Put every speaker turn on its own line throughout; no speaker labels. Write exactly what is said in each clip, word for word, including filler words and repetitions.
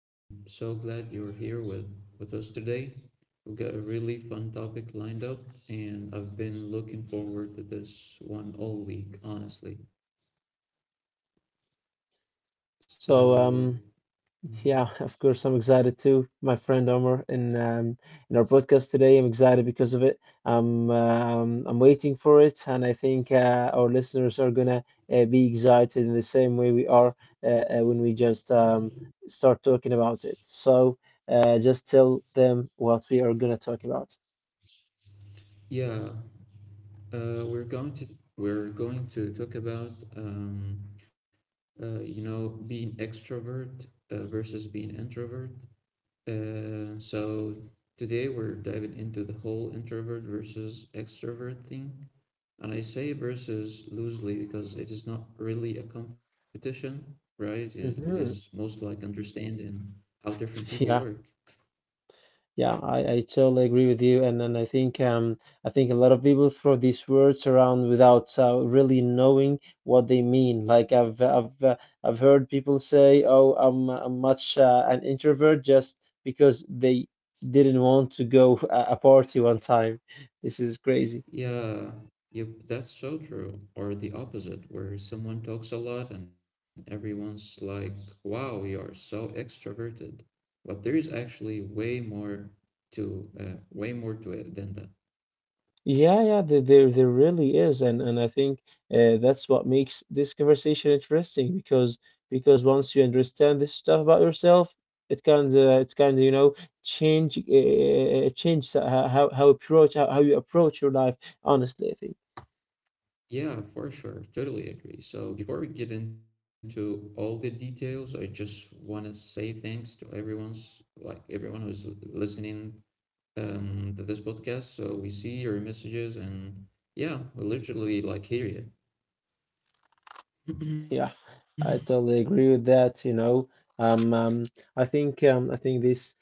I'm so glad you're here with, with us today. We've got a really fun topic lined up, and I've been looking forward to this one all week, honestly.
So
So,
um, yeah, of course, I'm excited too, my friend Omar, in um, in our podcast today. I'm excited because of it. I'm um, I'm waiting for it, and I think uh, our listeners are gonna uh, be excited in the same way we are uh, uh, when we just um, start talking about it. So uh, just tell them what we are gonna talk about.
yeah, uh, we're going to we're going to talk about um, uh, you know being extrovert uh, versus being introvert. Uh, so Today we're diving into the whole introvert versus extrovert thing. And I say versus loosely because it is not really a competition, right? It is, it is
hmm
most like understanding how different people
Yeah,
work.
yeah, I, I totally agree with you, and and I think um I think a lot of people throw these words around without uh, really knowing what they mean. Like I've I've uh, I've heard people say, "Oh, I'm, uh, I'm much uh, an introvert," just because they didn't want to go a, a party one time. This is crazy.
Yeah, yep, that's so true. Or the opposite, where someone talks a lot and everyone's like, wow, you are so extroverted. But there is actually way more to uh, way more to it than that.
Yeah, yeah, there, there, there really is, and and I think uh, that's what makes this conversation interesting because because once you understand this stuff about yourself, it kind of it's kind of you know change uh, change how how how approach how, how you approach your life. Honestly, I think.
Yeah, for sure. Totally agree. So before we get into all the details, I just want to say thanks to everyone's like everyone who's l- listening um to this podcast. So we see your messages and yeah, we literally like hear you.
Yeah, I totally agree with that. You know, um, um, I think um, I think this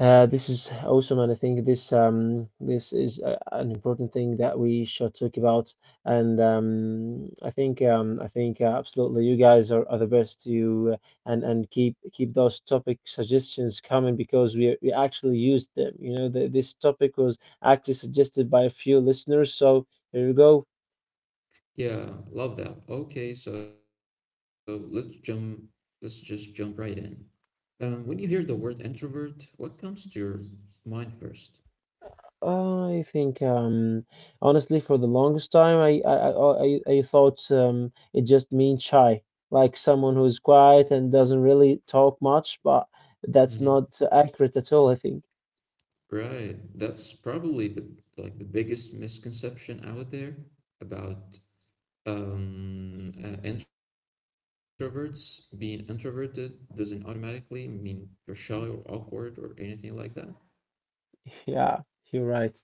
uh, this is awesome, and I think this um, this is uh, an important thing that we should talk about. And um, I think um, I think uh, absolutely, you guys are, are the best. You uh, and and keep keep those topic suggestions coming because we we actually used them. You know, the, this topic was actually suggested by a few listeners, so here we go.
Yeah, love that. Okay, so let's jump let's just jump right in. Um when you hear the word introvert, what comes to your mind first?
Uh, I think um, Honestly, for the longest time, I I I, I I thought um, it just means shy, like someone who is quiet and doesn't really talk much. But
Mm-hmm.
that's not accurate at all, I think.
Right. That's probably the like the biggest misconception out there about um, uh, introverts. Being introverted doesn't automatically mean you're shy or awkward or anything like that.
Yeah, you're right.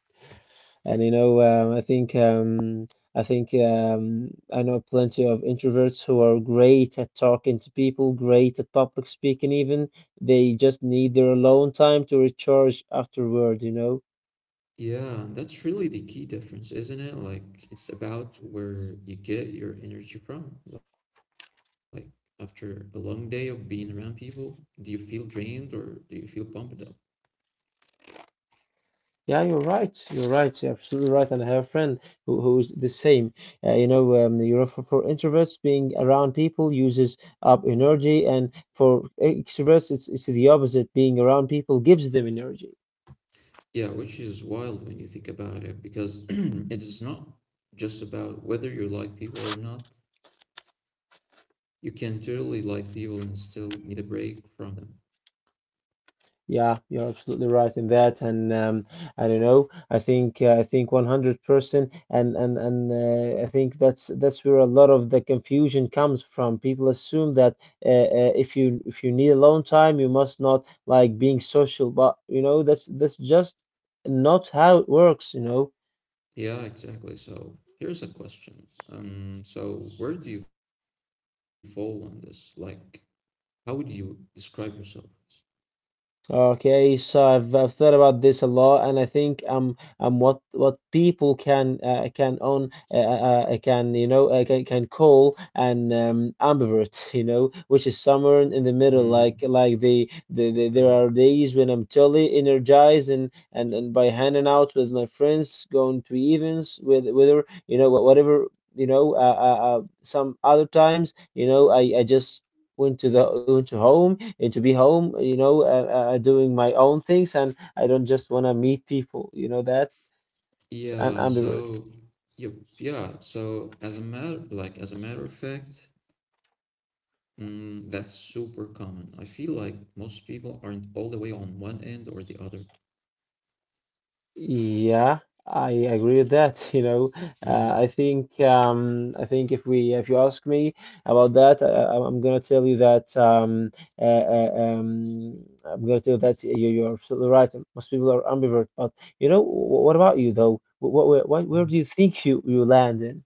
And you know, um, I think um, I think um, I know plenty of introverts who are great at talking to people, great at public speaking even. They just need their alone time to recharge afterward, you know.
Yeah, that's really the key difference, isn't it? Like it's about where you get your energy from. Like after a long day of being around people, do you feel drained or do you feel pumped up?
Yeah, you're right. You're right. You're absolutely right. And I have a friend who who's the same. Uh, you know, um, you know, for, for introverts, being around people uses up energy, and for extroverts, it's it's the opposite. Being around people gives them energy.
Yeah, which is wild when you think about it, because it is not just about whether you like people or not. You can totally like people and still need a break from them.
Yeah, you're absolutely right in that, and um, I don't know. I think uh, I think one hundred percent, and and and uh, I think that's that's where a lot of the confusion comes from. People assume that uh, uh, if you if you need alone time, you must not like being social, but you know that's that's just not how it works. You know,
Yeah, exactly. So here's a question. Um, so where do you fall on this? Like, how would you describe yourself?
Okay, so I've, I've thought about this a lot, and I think um um what what people can uh, can own uh, uh, uh, can you know uh, can can call an um, ambivert, you know, which is somewhere
Mm-hmm.
in the middle. Like like the,
Yeah.
the, the there are days when I'm totally energized and, and and by hanging out with my friends, going to events with whether you know wha- whatever you know uh, uh, uh, some other times you know I I just. Went to the went to home and to be home, you know, uh, uh, doing my own things, and I don't just want to meet people, you know that. An
Yeah,
ambivert.
so yep, yeah. So as a matter like as a matter of fact, mm, that's super common. I feel like most people aren't all the way on one end or the other.
Yeah, I agree with that. You know, uh,
Hmm.
I think um, I think if we if you ask me about that, I, I- I'm gonna tell you that um, uh, uh, um, I'm gonna tell you that you, you're absolutely right. Most people are ambivert, but you know, wh- what about you though? What, what, where, where
Hmm.
do you think you you land in?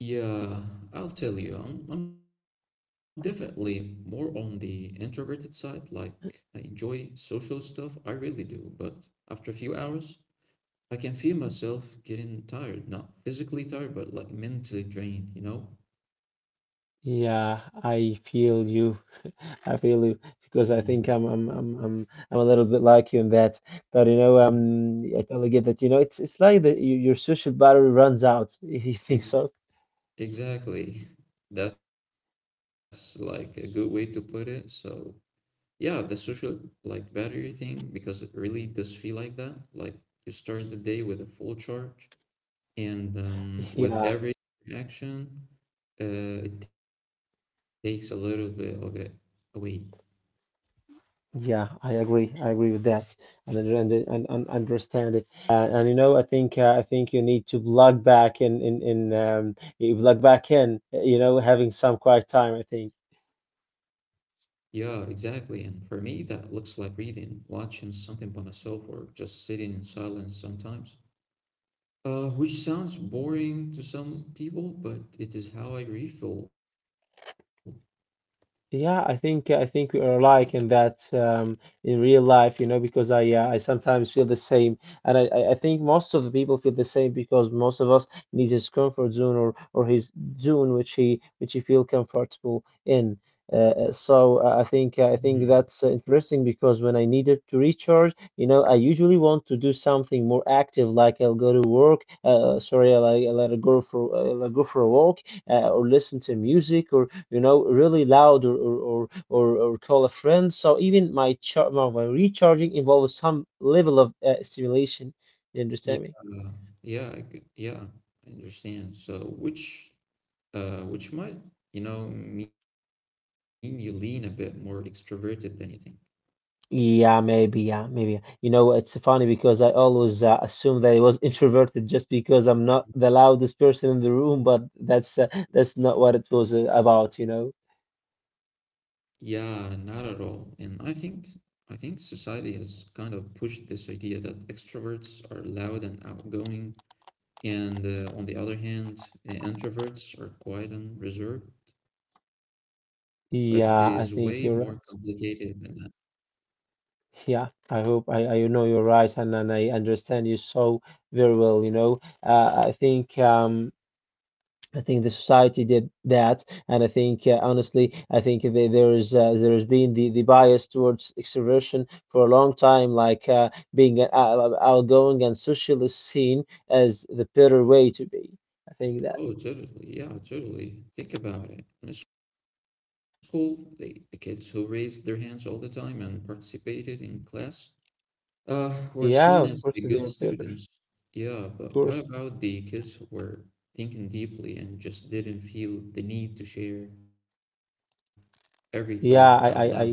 Yeah, I'll tell you, I'm I'm definitely more on the introverted side. Like I enjoy social stuff, I really do, but after a few hours, I can feel myself getting tired, not physically tired, but like mentally drained, you know?
Yeah, I feel you. I feel you
Mm-hmm.
because I think I'm I'm I'm I'm I'm a little bit like you in that. But you know,
Mm-hmm.
um, I totally get that. You know, it's it's like that you, your social battery runs out. You think
E-
so?
Exactly. That's like a good way to put it. So, yeah, the social like battery thing, because it really does feel like that. Like you start the day with a full charge, and um, with
Yeah,
every action, uh, it takes a little bit of it away.
yeah, I agree. I agree with that, and I and, and, and understand it. Uh, and you know, I think uh, I think you need to plug back in in in um, you plug back in. You know, having some quiet time. I think.
Yeah, exactly. And for me, that looks like reading, watching something by myself, or just sitting in silence sometimes. Uh, which sounds boring to some people, but it is how I refill.
Yeah, I think I
Yeah.
think we are alike in that um, in real life, you know, because I uh, I sometimes feel the same, and I, I I think most of the people feel the same because most of us needs his comfort zone or or his zone which he which he feel comfortable in. Uh, uh, so uh,
Mhm.
I think uh, I think that's uh, interesting because when I needed to recharge, you know, I usually want to do something more active, like I'll go to work. Uh, sorry, I'll, I'll go for I'll go for a walk, uh, or listen to music, or you know, really loud or or, or, or, or call a friend. So even my char my my recharging involves some level of uh, stimulation. You
Yeah.
understand me?
Yeah. I could, yeah. I understand. So, which, uh, which might, you know, mean you lean a bit more extroverted than you think.
Yeah, maybe, yeah, maybe. You know, it's funny because I always uh, assume that I was introverted just because I'm not the loudest person in the room, but that's uh, that's not what it was uh, about, you know.
Yeah, not at all. And I think, I think society has kind of pushed this idea that extroverts are loud and outgoing, and uh, on the other hand, uh, introverts are quiet and reserved. But it is way more
Yeah, I think you're
complicated than
right.
that.
Yeah, I hope I, I know you're right, and, and I understand you so very well, you know. Uh, I think um I think the society did that, and I think uh, honestly, I think the, there is uh, there has been the, the bias towards extroversion for a long time, like uh, being an out- outgoing and socially seen as the better way to be. I think
Oh,
that.
totally. Yeah, totally. Think about it. In school, the, the kids who raised their hands all the time and participated in class uh, were seen as
Yeah,
the
of course
good
they are better.
students.
Of
Yeah, but what
course.
about the kids who were thinking deeply and just didn't feel the need to share every thought out loud?
Yeah, I, I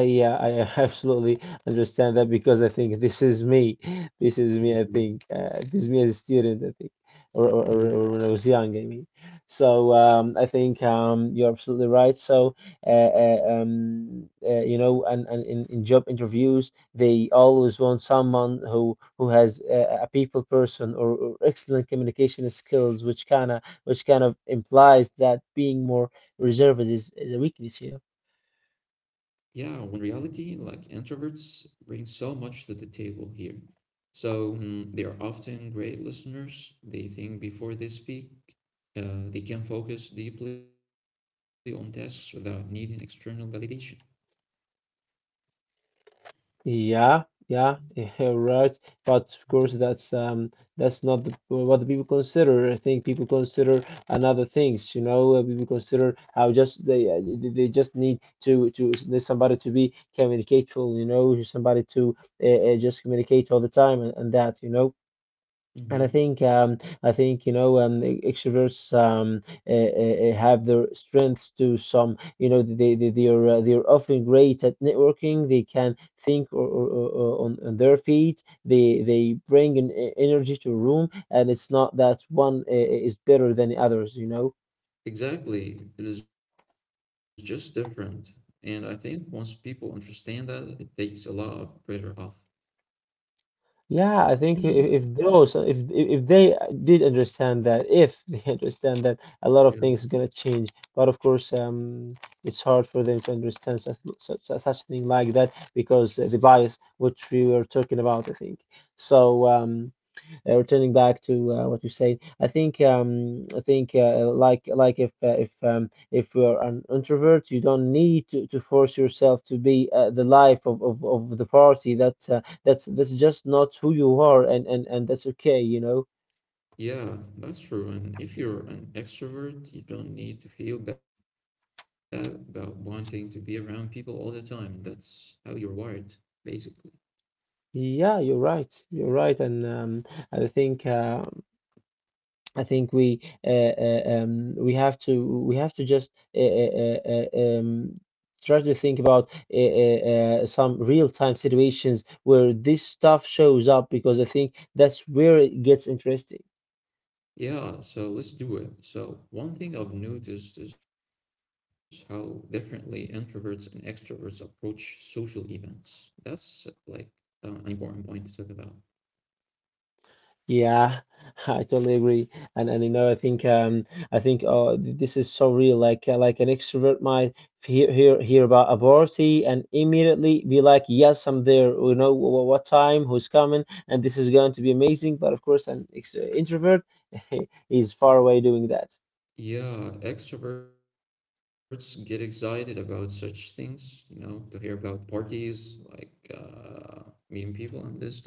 I yeah, I absolutely understand that because I think this is me. This is me, I think. Uh, this is me as a student, I think, or, or, or
Mhm.
or when I was young, I mean. So um, I think um, you're absolutely right. So uh, uh, um, uh, you know, and, and in, in job interviews, they always want someone who who has uh, a people person or, or excellent communication skills, which kind of which kind of implies that being more reserved is, is a weakness, you know.
Yeah, when reality, like introverts, bring so much to the table here. So mm, they are often great listeners. They think before they speak. Uh, they can focus deeply on tasks without needing external validation.
Yeah, yeah, you're right. But of course, that's um, that's not the, what the people consider. I think people consider another things. You know, Uh, people consider how just they uh, they they just need to to there's somebody to be communicateful. You know, somebody to uh, uh, just communicate all the time and, and that. You know. And I
Hmm.
think um, I think you know um, e- extroverts um, uh, uh, have their strengths to some you know they they they are uh, they are often great at networking. They can think or, or, or or on, on their feet. They they bring an e- energy to a room, and it's not that one uh, is better than the others. You know.
Exactly. It is just different. And I think once people understand that, it takes a lot of pressure off.
Yeah, I
Yeah.
think i- if those if if they did understand that, if they understand that a lot of things is gonna change, but of course, um, it's hard for them to understand such such such thing like that because uh, the bias which we were talking about, I think. So um, uh, returning back to uh, what you said, I think um, I think uh, like like if uh, if um, if you are an introvert, you don't need to, to force yourself to be uh, the life of, of, of the party. That uh, that's that's just not who you are, and, and, and that's okay, you know.
Yeah, that's true. And if you're an extrovert, you don't need to feel bad about wanting to be around people all the time. That's how you're wired, basically.
Yeah, you're right. You're right, and um, I think uh, I think we uh, uh, um, we have to we have to just uh, uh, uh, uh, um, try to think about uh, uh, uh, some real time situations where this stuff shows up because I think that's where it gets interesting.
Yeah, so let's do it. So, one thing I've noticed is how differently introverts and extroverts approach social events. That's like uh, an important point to talk about.
Yeah, I totally agree, and and you know I think um I think uh th- this is so real. Like uh, like an extrovert might hear hear hear about a party and immediately be like, yes, I'm there. You know what, what time, who's coming, and this is going to be amazing. But of course, an ex introvert is far away doing that.
Yeah, extroverts get excited about such things, you know, to hear about parties, like uh, meeting people and this stuff.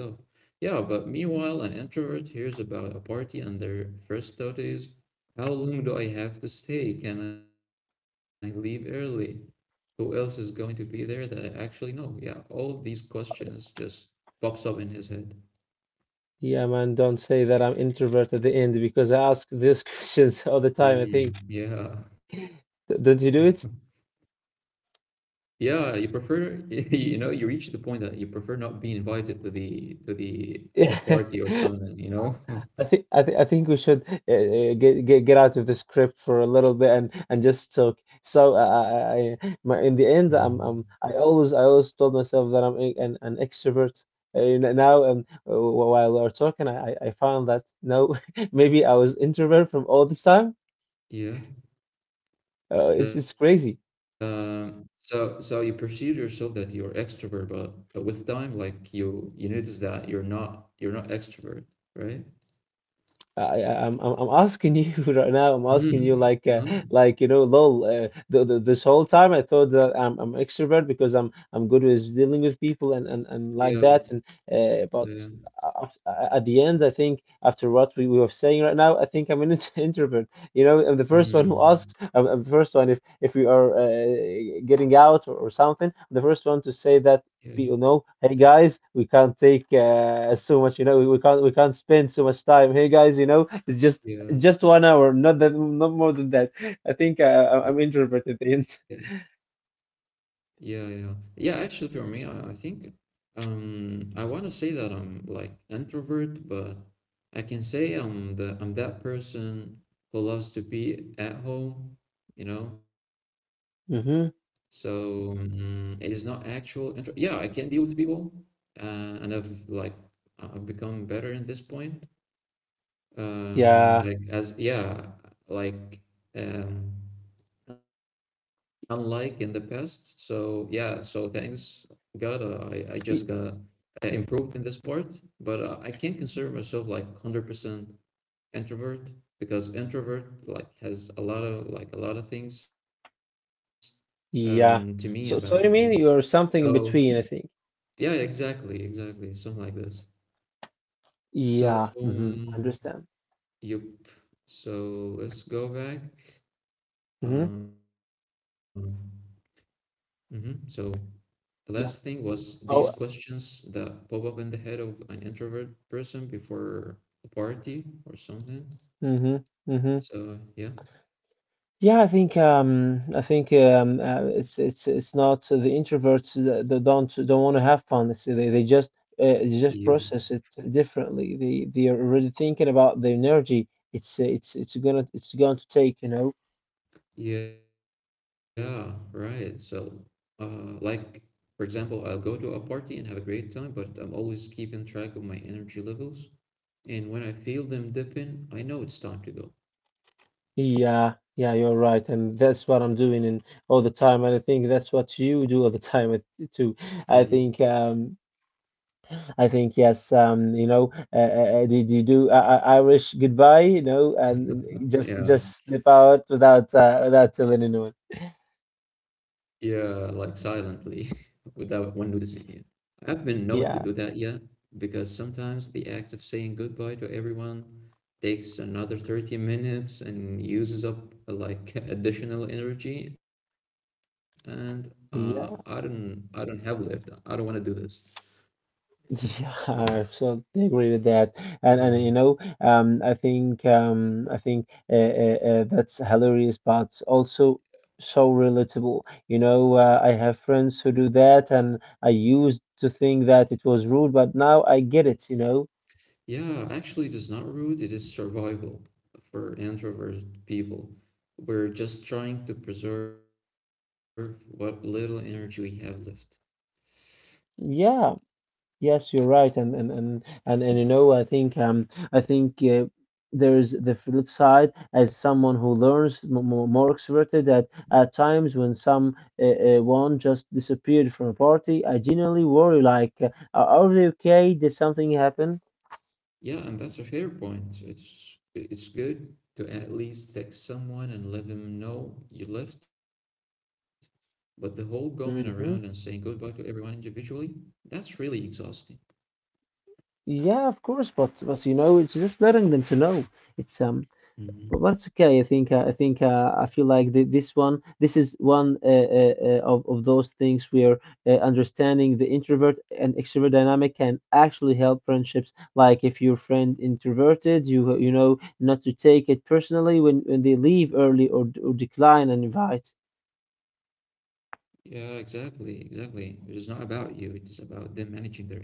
Yeah, but meanwhile, an introvert hears about a party and their first thought is, how long do I have to stay? Can I leave early? Who else is going to be there that I actually know? Yeah, all these questions just pops up in his head.
Yeah, man, don't say that I'm introvert at the end because I ask these questions all the time. I
Mm,
think
yeah.
D- don't you do it?
Yeah, you prefer you know you reach the point that you prefer not being invited to the to the the
Yeah,
party or something, you know?
I think I think I think we should uh, uh, get get get out of the script for a little bit and and just talk. So uh, I, I my, in
Mm.
the end, I'm I'm I always I always told myself that I'm a- an an extrovert. And now, um, wh- while we are talking, I I I found that no, maybe I was introvert from all this time.
Yeah.
Uh, it's it's
Uh,
crazy.
so so you perceive yourself that you're extrovert, but uh, with time, like you you notice that you're not you're not extrovert, right?
I, I- am I'm I'm asking you right now. I'm asking you
Mm.
like uh,
Yeah.
like you know, lol. Uh, the, the, this whole time I thought that I'm I'm extrovert because I'm I'm good with dealing with people and and, and
Yeah.
like that. And uh, but
Yeah.
a- af- a- at the end, I think after what we, we were saying right now, I think I'm an int- introvert. You know, I'm the first one who
Mm.
asks. I'm, I'm the first one if if we are uh, getting out or, or something. I'm the first one to say
Yeah.
that people know, hey guys, we can't take uh, so much, you know, we, we can't we can't spend so much time. Hey guys, you know, it's just
Yeah.
just one hour, not that, not more than that. I think uh, I- I'm
Yeah.
introverted at the end.
Yeah. Yeah. Yeah. Yeah, actually, for me, I, I think, Um, I want to say that I'm like introvert, but I can say I'm the I'm that person who loves to be at home, you know.
Mm-hmm.
So mm it is not actual intro. Yeah, I can deal with people, uh, and I've like I've become better in this point. Um,
Yeah,
like as yeah, like um, unlike in the past. So yeah, so thanks God, uh, I I just got
Y-
uh, improved in this part, but uh, I can't consider myself like one hundred percent introvert because introvert like has a lot of like a lot of things um to me about it, you
yeah.
know.
So, so you mean you're
So, yeah.
something in between, I think.
Yeah, exactly, exactly. Something like this. So,
Yeah. Mm-hmm.
um,
Understand.
yep. So let's go back.
Mm-hmm.
Um, mhm. So the last thing
Yeah.
was these
So.
questions that pop up in the head of an introvert person before a party or something.
Mm-hmm. Mm-hmm.
So yeah,
Yeah, I think um, I think um, uh, it's it's it's not so the introverts that, that don't don't want to have fun. It's, they they just uh, they
you
just process it differently. They they are already thinking about the energy. It's uh, it's it's gonna it's going to take, you know.
yeah, right. So uh like for example, I'll go to a party and have a great time, but I'm always keeping track of my energy levels. And when I feel them dipping, I know it's time to go.
Yeah, yeah, you're right, and that's what I'm doing and all the time, and I think that's what you do all the time uh, too. I
Mm-hmm.
think um, I think yes, um, you know, uh, uh, uh, did you do uh, uh, Irish goodbye? You know, and just
Yeah.
just slip out without uh, without telling anyone.
Yeah, like silently, without one noticing you. I've been known to do
Yeah,
that, yeah, because sometimes the act of saying goodbye to everyone takes another thirty minutes and uses up uh, like additional energy, and uh, I don't,
yeah,
I don't have left. I don't want to do this. Yeah,
yeah. I absolutely agree with that.
yeah,
And and you know, um, I think um, I think uh, uh, uh, that's hilarious, but also so relatable. You know, uh, I have friends who do that, and I used to think that it was rude, but now I get it. You know,
yeah. Actually, it is not rude. It is survival for introvert people. We're just trying to preserve what little energy we have left.
yeah. Yes, you're right, and and and and, and you know, I think um, I think uh, there is the flip side as someone who learns m- m- more extroverted that at times when some uh, uh, one just disappeared from a party, I genuinely worry like, uh, are they okay? Did something happen?
Yeah, and that's a fair point. It's it's good to at least text someone and let them know you left, but the whole going around and saying goodbye
Hmm.
to everyone individually, that's really exhausting.
Yeah, of course, but but you know, it's just letting them to know. It's um, But
Hmm.
that's okay. I think uh, I think uh, I feel like the, this one this is one uh, uh, uh, of of those things where uh, understanding the introvert and extrovert dynamic can actually help friendships. Like if your friend introverted, you you know not to take it personally when, when they leave early or, d- or decline an invite.
Yeah, exactly, exactly. It is not about you, it is about them managing their energy.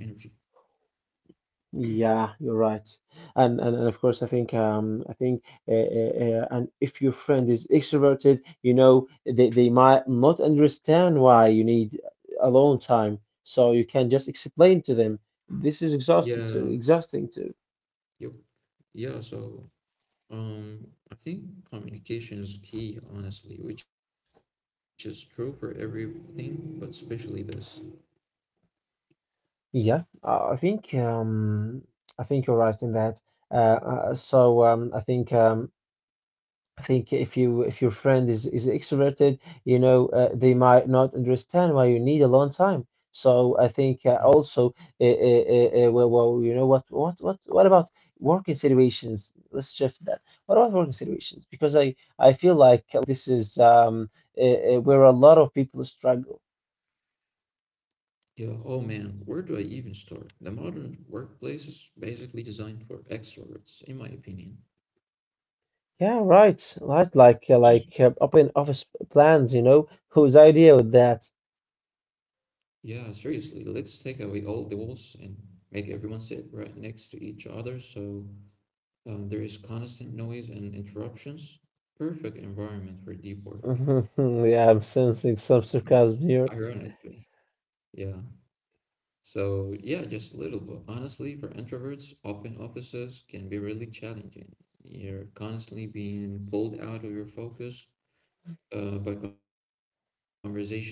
Yeah, you're right, and and, and of course, I think um, I think uh, uh, uh, and if your friend is extroverted, you know, they they might not understand why you need alone time, so you can just explain to them this is exhausted
Yeah,
too, exhausting too.
yep, yeah, so um I think communication is key, honestly, which is true for everything, but especially this.
Yeah, uh, I think um, I think you're right in that. Uh, uh, so um, I think um, I think if you if your friend is is extroverted, you know, uh, they might not understand why you need a long time. So I think uh, also, uh, uh, uh, uh, well, well, you know what, what, what, what about working situations? Let's shift that. What about working situations? Because I I feel like this is um uh, uh, where a lot of people struggle.
Yeah, oh man, where do I even start? The modern workplace is basically designed for extroverts, in my opinion.
Yeah, right, right. Like uh, like uh, open office plans. You know, whose idea was that?
Yeah, seriously, let's take away all the walls and make everyone sit right next to each other so uh, there is constant noise and interruptions. Perfect environment for deep work.
Yeah, I'm sensing some
Ironically,
sarcasm here.
yeah. So yeah, just a little bit. Honestly, for introverts, open offices can be really challenging. You're constantly being pulled out of your focus uh, by conversations happening around you.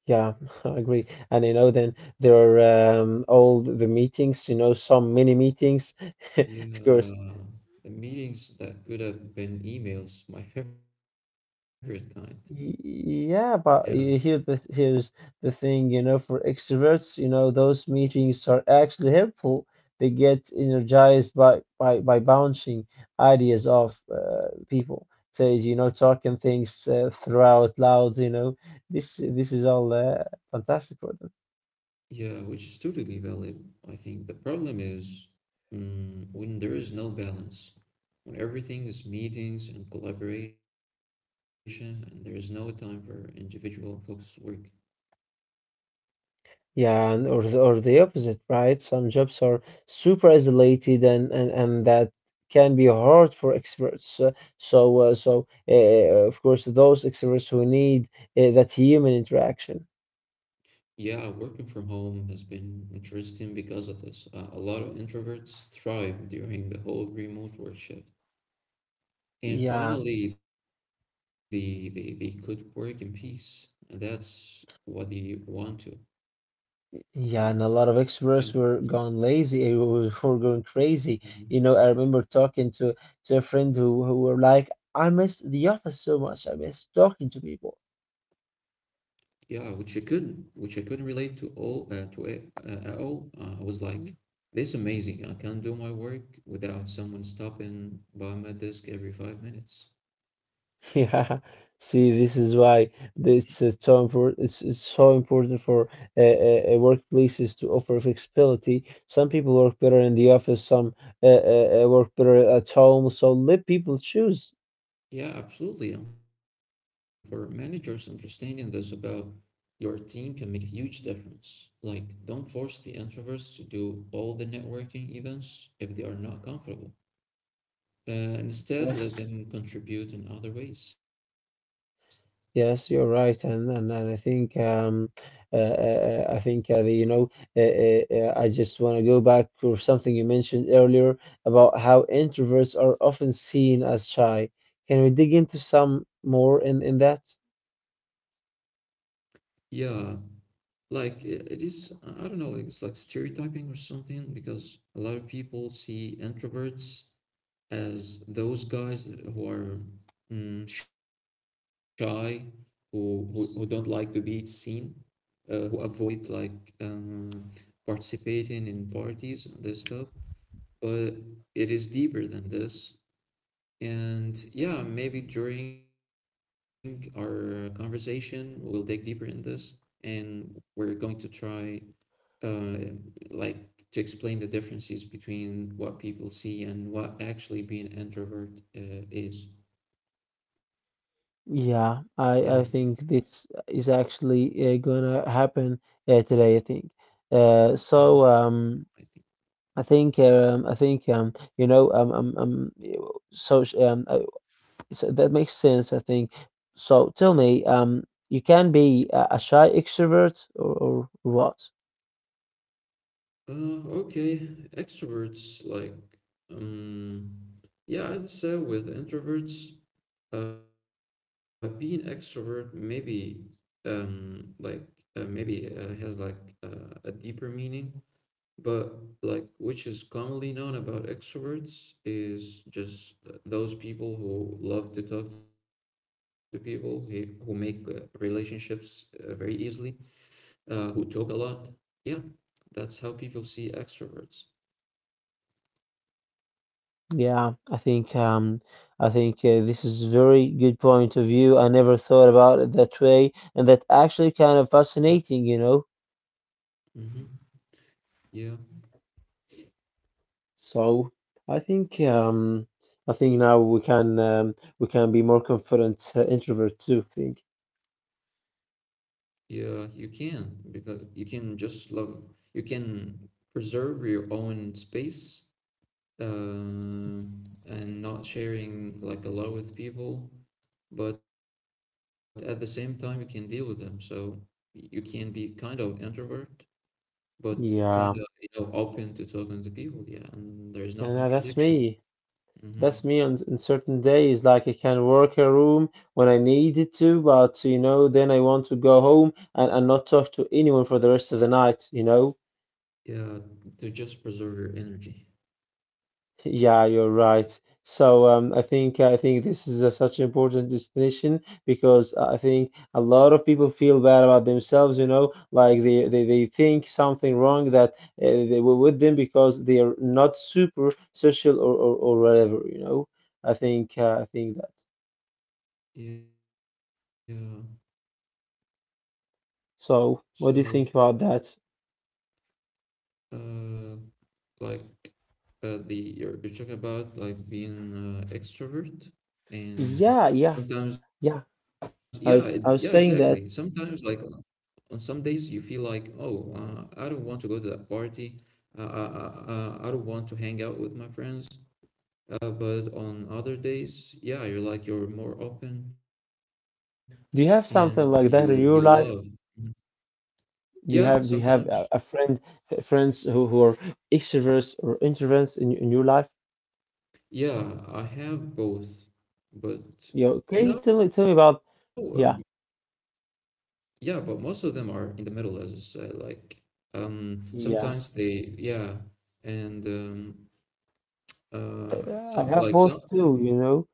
Yeah, I agree. And you know, then there are um, all the meetings, you know, some mini meetings, because
Yeah, the meetings that could have been emails, my favorite kind.
y-
Yeah,
yeah, but you hear the here's the thing, you know, for extroverts, you know, those meetings are actually helpful. They get energized by by by bouncing ideas off uh, people. Says, you know, talking things uh, throughout loud, you know, this this is all uh, fantastic for them.
yeah, which is totally valid. I think the problem is mm, when there is no balance, when everything is meetings and collaboration, and there is no time for individual focused work.
Yeah, and or the, or the opposite, right? Some jobs are super isolated and and, and that can be hard for experts. Uh, so uh, so uh, of course those experts who need uh, that human interaction.
Yeah, working from home has been interesting because of this. Uh, a lot of introverts thrive during the whole remote work shift. And
Yeah,
finally, they, they, they could work in peace. And that's what they want to have.
yeah, and a lot of
Yeah.
experts were gone lazy, uh, were were going crazy.
Mhm.
You know, I remember talking to to a friend who who were like, I missed the office so much. I miss talking to people.
Yeah, which I couldn't, which I couldn't relate to all, uh, to it, uh, at all. Uh, I was like, this is amazing. I can't do my work without someone stopping by my desk every five minutes.
Yeah, see, this is why it's uh, so important. It's, it's so important for uh, uh, uh, workplaces to offer flexibility. Some people work better in the office, some uh, uh, uh, work better at home. So let people choose.
Yeah, absolutely. And for managers, understanding this about your team can make a huge difference. Like, don't force the introverts to do all the networking events if they are not comfortable. Uh, instead, let
Yes.
them contribute in other ways.
Yes, you're right, and and, and I think um, uh, uh, uh, I think uh, the, you know, uh, uh, uh, I just want to go back to something you mentioned earlier about how introverts are often seen as shy. Can we dig into some more in in that?
Yeah, like i- it is, I don't know, like it's like stereotyping or something because a lot of people see introverts as those guys who are mm, shy, who, who who don't like to be seen uh, who avoid like um, participating in parties and this stuff. But it is deeper than this. And yeah, maybe during our conversation, we'll dig deeper in this and we're going to try uh, like to explain the differences between what people see and what actually being introvert uh, is. Yeah.
Yeah, I, I think this is actually uh, gonna happen uh, today, I think. Uh,
Mhm.
so um,
I think.
I think um, I think um, you know um, um, um so sh- um, I, so that makes sense, I think. So tell me, um, you can be a, a shy extrovert or, or what?
Uh, okay, extroverts like um yeah, as I said with introverts, uh being extrovert maybe um like uh, maybe uh, has like uh, a deeper meaning, but like which is commonly known about extroverts is just those people who love to talk to people, who who make uh, relationships uh, very easily, uh who talk a lot. Yeah, that's how people see extroverts.
Yeah, I think um, I think uh, this is very good point of view. I never thought about it that way, and that actually kind of fascinating, you know.
Mm-hmm. Yeah,
So I think um, I think now we can um, we can be more confident uh, introvert too. I think.
yeah, you can because you can just love, you can preserve your own space, uh, and not sharing like a lot with people, but at the same time, you can deal with them. So y- you can be kind of introvert, but kind of,
Yeah,
you know, open to talking to people. Yeah, and there is no
and uh, that's
contradiction.
me.
Mm-hmm.
That's me on, on certain days. Like I can work a room when I needed to, but you know, then I want to go home and, and not talk to anyone for the rest of the night, you know.
Yeah, to just preserve your energy.
Yeah, you're right. So um, I think I think this is a, such an important distinction because uh, I think a lot of people feel bad about themselves. You know, like they they, they think something wrong that uh, they were with them because they are not super social or or, or whatever. You know, I think uh, I think that.
Yeah, so.
So what do you think about that?
Uh, like uh, the you're, you're talking about like being uh, extrovert and
Yeah, yeah,
sometimes yeah
yeah.
it, yeah exactly
I was I was
sometimes like
saying that.
on some days you feel like oh uh, I don't want to go to that party, uh, I, I, I I don't want to hang out with my friends, uh, but on other days yeah you're like you're more open and
Do you
you
have
you
something
love.
like that in your
Mhm.
life?
Yeah,
Do you have do you
sometimes.
have a, a friend friends who, who are extroverts or introverts in, in your life?
Yeah, I have both, but
Yeah,
you
okay, tell me
know.
tell me about yeah
Yeah, but most of them are in the middle, as I said. Like, um, sometimes
yeah.
they, yeah, and um, uh,
Yeah, I
some
have
like
both
some.
too, you know.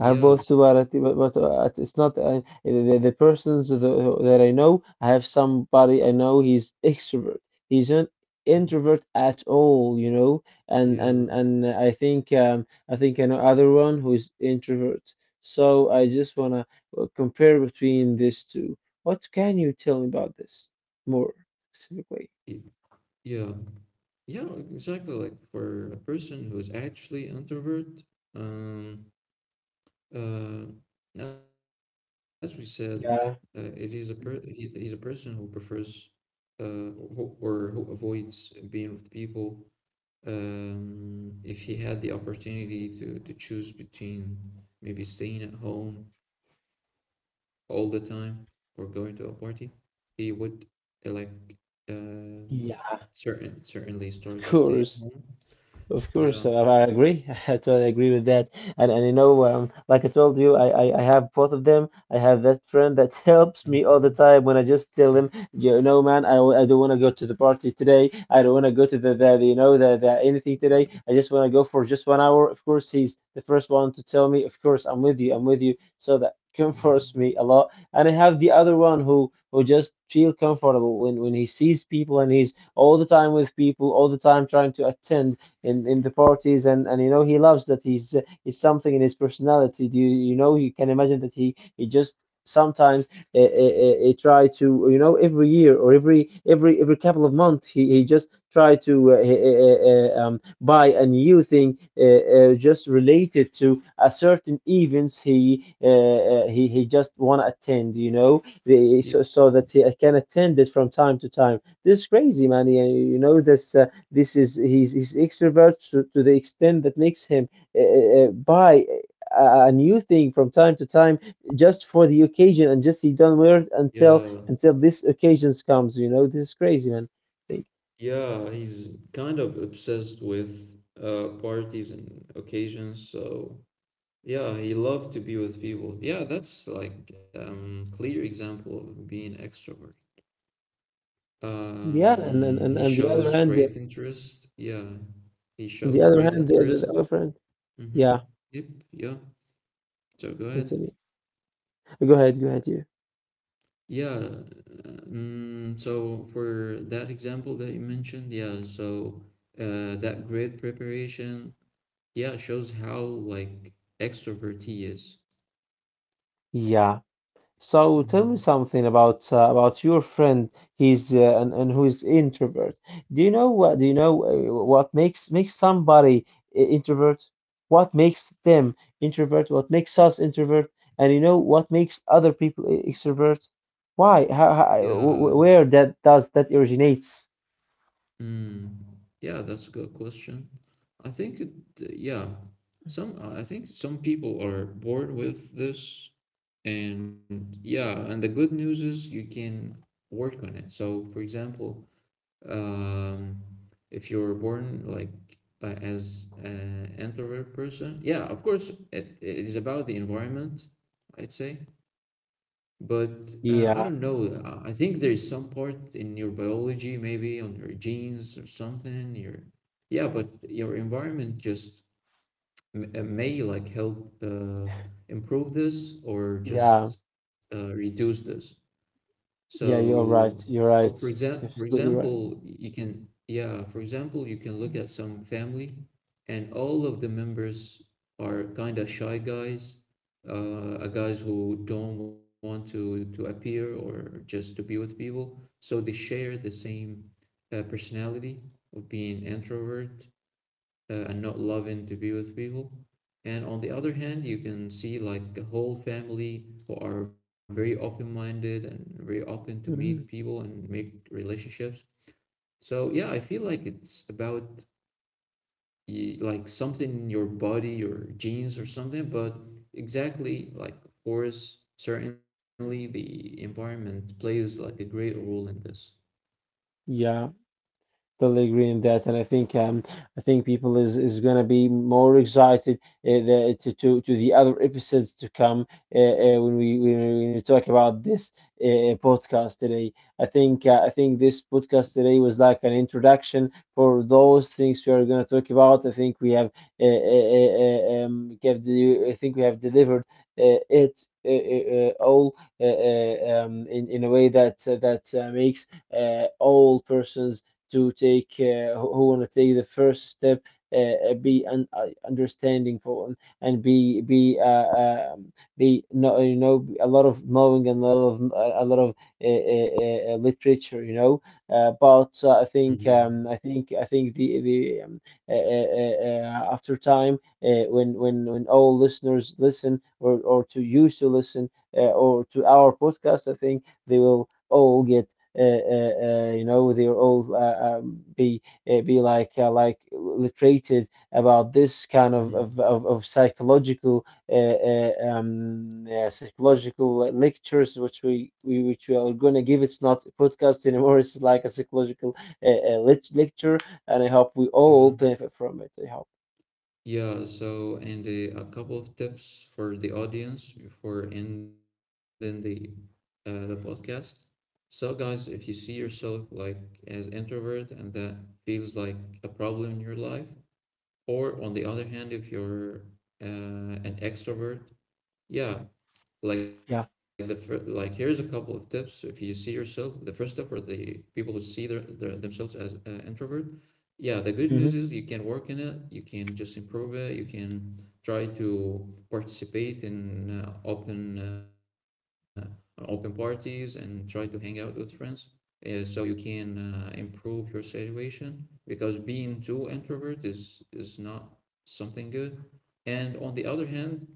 I have both too, but, at- but, but uh, it's not uh, the, the persons that, that I know. I have somebody I know. He's extrovert. He's an
Mm.
introvert at all, you know. And and
yeah,
and I think um, I think I know other one who's introvert. So I just wanna uh, compare between these two. What can you tell me about this more specifically?
y- yeah, yeah, exactly. Like for a person who's actually introvert, um, uh, as we said, uh, it is a per
Yeah.
he, he's a person who prefers uh who, or who avoids being with people. Um, if he had the opportunity to, to choose between maybe staying at home all the time or going to a party, he would uh, like um,
Yeah,
certain certainly
of
start to stay
course.
at home.
Of course, uh,
Yeah.
I agree. I totally agree with that. And and you know, um, like I told you, I, I I have both of them. I have that
Mhm.
friend that helps me all the time when I
Yeah. Yeah.
just tell him, you know, man, I, w- I don't want to go to the party today. I don't want to go to the, the you know the, the anything today. I
Yeah.
just want to go for just one hour. Of course, he's the first one to tell me. Of course, I'm with you. I'm with you. So that
Yeah.
comforts me a lot. And I have the other one who who just feel comfortable when when he sees people and he's all the time with people, all the time trying to attend in, in the parties and, and you know he loves that he's uh, it's something in his personality. Do you, you know you can imagine that he he just sometimes uh, uh, uh, uh, try to you know every year or every every every couple of months he, he just try to uh, uh, uh, um, buy a new thing uh, uh, just related to a certain events he uh, uh, he, he just want to attend you know the, so, so that he can attend it from time to time. This is crazy, man. You, you know this uh, this is he's, he's extrovert to, to the extent that makes him uh, uh, buy a, a new thing from time to time just for the occasion and just he don't wear it until
Yeah,
until this occasions comes. You know, this is crazy, man. Like,
yeah, he's kind of obsessed with uh parties and occasions, so. Yeah, he loved to be with people. Yeah, that's like um clear example of being extrovert.
yeah. and and
Um,
and,
he
and the other
shows
hand, the,
great interest. Yeah, he
on the
shows
other
great
hand, the, the, the
interest.
other hand.
Mm-hmm.
Yeah,
Yep. Yeah. So go ahead.
continue. Go ahead, go ahead, you.
Yeah. Um, so for that example that you mentioned, yeah. So uh, that great preparation, yeah, shows how like extrovert he is.
Yeah. So tell
Mm-hmm.
me something about uh, about your friend. He's uh, and, and who is introvert. Do you know what? Do you know uh, what makes makes somebody i- introvert? What makes them introvert? What makes us introvert? And you know what makes other people e- extrovert? Why? How, how, wh-
Yeah.
wh- where that does that originates?
Hmm. Yeah, that's a good question. I think it, yeah, some, uh, I think some people are born with this, and yeah, and the good news is you can work on it. So, for example, um, if you're born like uh, as an introvert person, yeah, of course, it, it is about the environment, I'd say. But uh, I don't
Yeah,
know. I I think there is some part in your biology, maybe on your genes or something. Your yeah, but your environment just m- uh, may like help uh, improve this or
yeah,
just uh, reduce this.
yeah. You're
So
right. You're
for for
right.
example, for
Absolutely right.
example, you can yeah, for example, you can look at some family and all of the members are kind of shy guys, uh, uh, guys who don't want to to appear or just to be with people. So they share the same uh, personality of being introvert, uh, and not loving to be with people. And on the other hand, you can see like a whole family who are very open minded and very open to meet
Mhm.
people and make relationships. So yeah, I feel like it's about like something in your body, your genes or something, but exactly like of course, certainly the environment plays like a great role in this.
Yeah. Totally agree in that, and I think um, I think people is, is gonna be more excited uh, the, to, to to the other episodes to come uh, uh, when we when we when we talk about this uh, podcast today. I think uh, I think this podcast today was like an introduction for those things we are gonna talk about. I think we have uh, uh, uh, um, give the, I think we have delivered uh, it uh, uh, uh, all uh, uh, um, in in a way that uh, that uh, makes uh, all persons to take, uh, who, want to take the first step, uh, uh, be un- uh, understanding for and, be be uh, um be no, you know, a lot of knowing, and a lot of uh, a lot of uh, uh, uh, literature. You know uh, but uh, I think
Mm-hmm.
um, I think I think the the um, uh, uh, uh, after time, uh, when when when all listeners listen or or to used to listen uh, or to our podcast, I think they will all get uh, uh, uh, you know, they'll all uh, um, be uh, be like uh, like literated about this kind of
Mm-hmm.
of, of, of psychological uh, uh, um, uh, psychological lectures, which we, we which we are going to give. It's not a podcast anymore. It's like a psychological uh, uh, lec- lecture, and I hope we
Yeah.
all benefit from it. I hope.
Yeah, so and uh, a couple of tips for the audience before ending the uh, the podcast. So guys, if you see yourself like as introvert and that feels like a problem in your life, or on the other hand, if you're uh, an extrovert, yeah, like the fir-
Yeah.
like here's a couple of tips if you see yourself the first step for the people who see their, their themselves as uh, introvert. Yeah, the good news
Hmm.
is you can work in it, you can just improve it, you can try to participate in uh, open uh, open parties and try to hang out with friends, uh, so you can uh, improve your situation because being too introvert is is not something good. And on the other hand,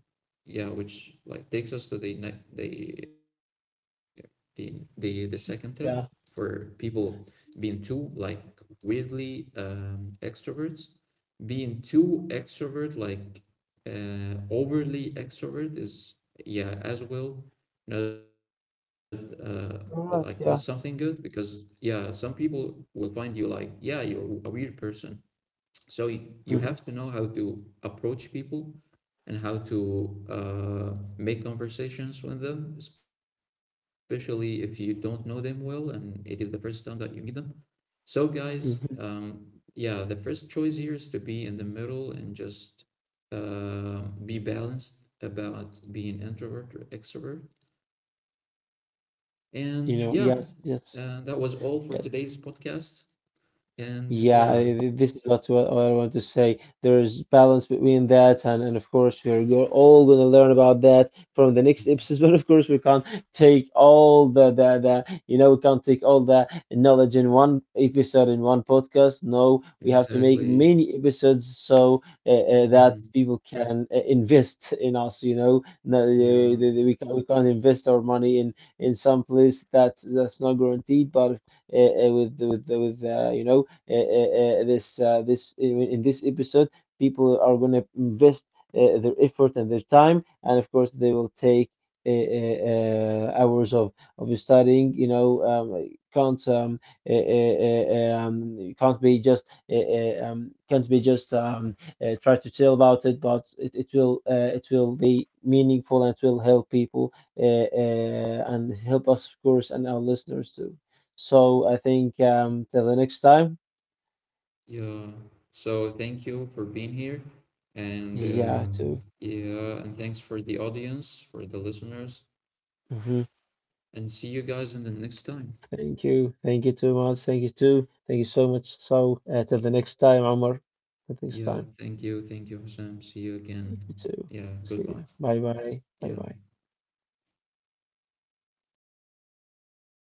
yeah, which like takes us to the ne- the the the, the second tip for
Yeah.
people being too like weirdly um extroverts, being too extrovert like uh overly extrovert is yeah as well not uh like not something
All right.
good
Yeah.
because yeah some people will find you like yeah you're a weird person. So y- you have to
Hmm.
know how to approach people and how to uh, make conversations with them, especially if you don't know them well and it is the first time that you meet them. So, guys,
Hmm.
um, yeah, the first choice here is to be in the middle and just uh, be balanced about being introvert or extrovert. And yeah,
You know.
uh, that
Yes.
was
Yes.
all for today's
Yes.
podcast. And yeah,
Yeah, I- th- this is what what I want to say. There is balance between that, and, and of course, we're go- all going to learn about that from the next episodes. But of course, we can't take all the, the, the you know, we can't take all the knowledge in one episode, in one podcast. No, we have to make
exactly.
many episodes so uh, uh, that
Hmm.
people can uh, invest in us, you know. No, uh, the-
Yeah.
the- we, can't, we can't invest our money in, in some place that's, that's not guaranteed, but uh, uh, with, with, with uh, you know, uh, uh, uh, this uh, this in, in this episode people are going to invest uh, their effort and their time, and of course they will take uh, uh, uh, hours of of studying. you know um, can't um, uh, uh, uh, um can't be just uh, uh, um, can't be just um, uh, try to tell about it, but it, it will uh, it will be meaningful, and it will help people, uh, uh, and help us, of course, and our listeners too. So I think, um, till the next time.
Yeah. So thank you for being here. And uh,
Yeah, too.
yeah, and thanks for the audience, for the listeners. And see
Hmm.
you guys in the next time.
Thank you. Thank you too much. Thank you too. Thank you so much. So, uh, till the next time, Omar. Till the next
Yeah.
time.
Thank you. Thank you, Hassan. See you
You
again.
too.
Yeah.
See
Goodbye.
you. Bye bye. Bye
Yeah.
bye.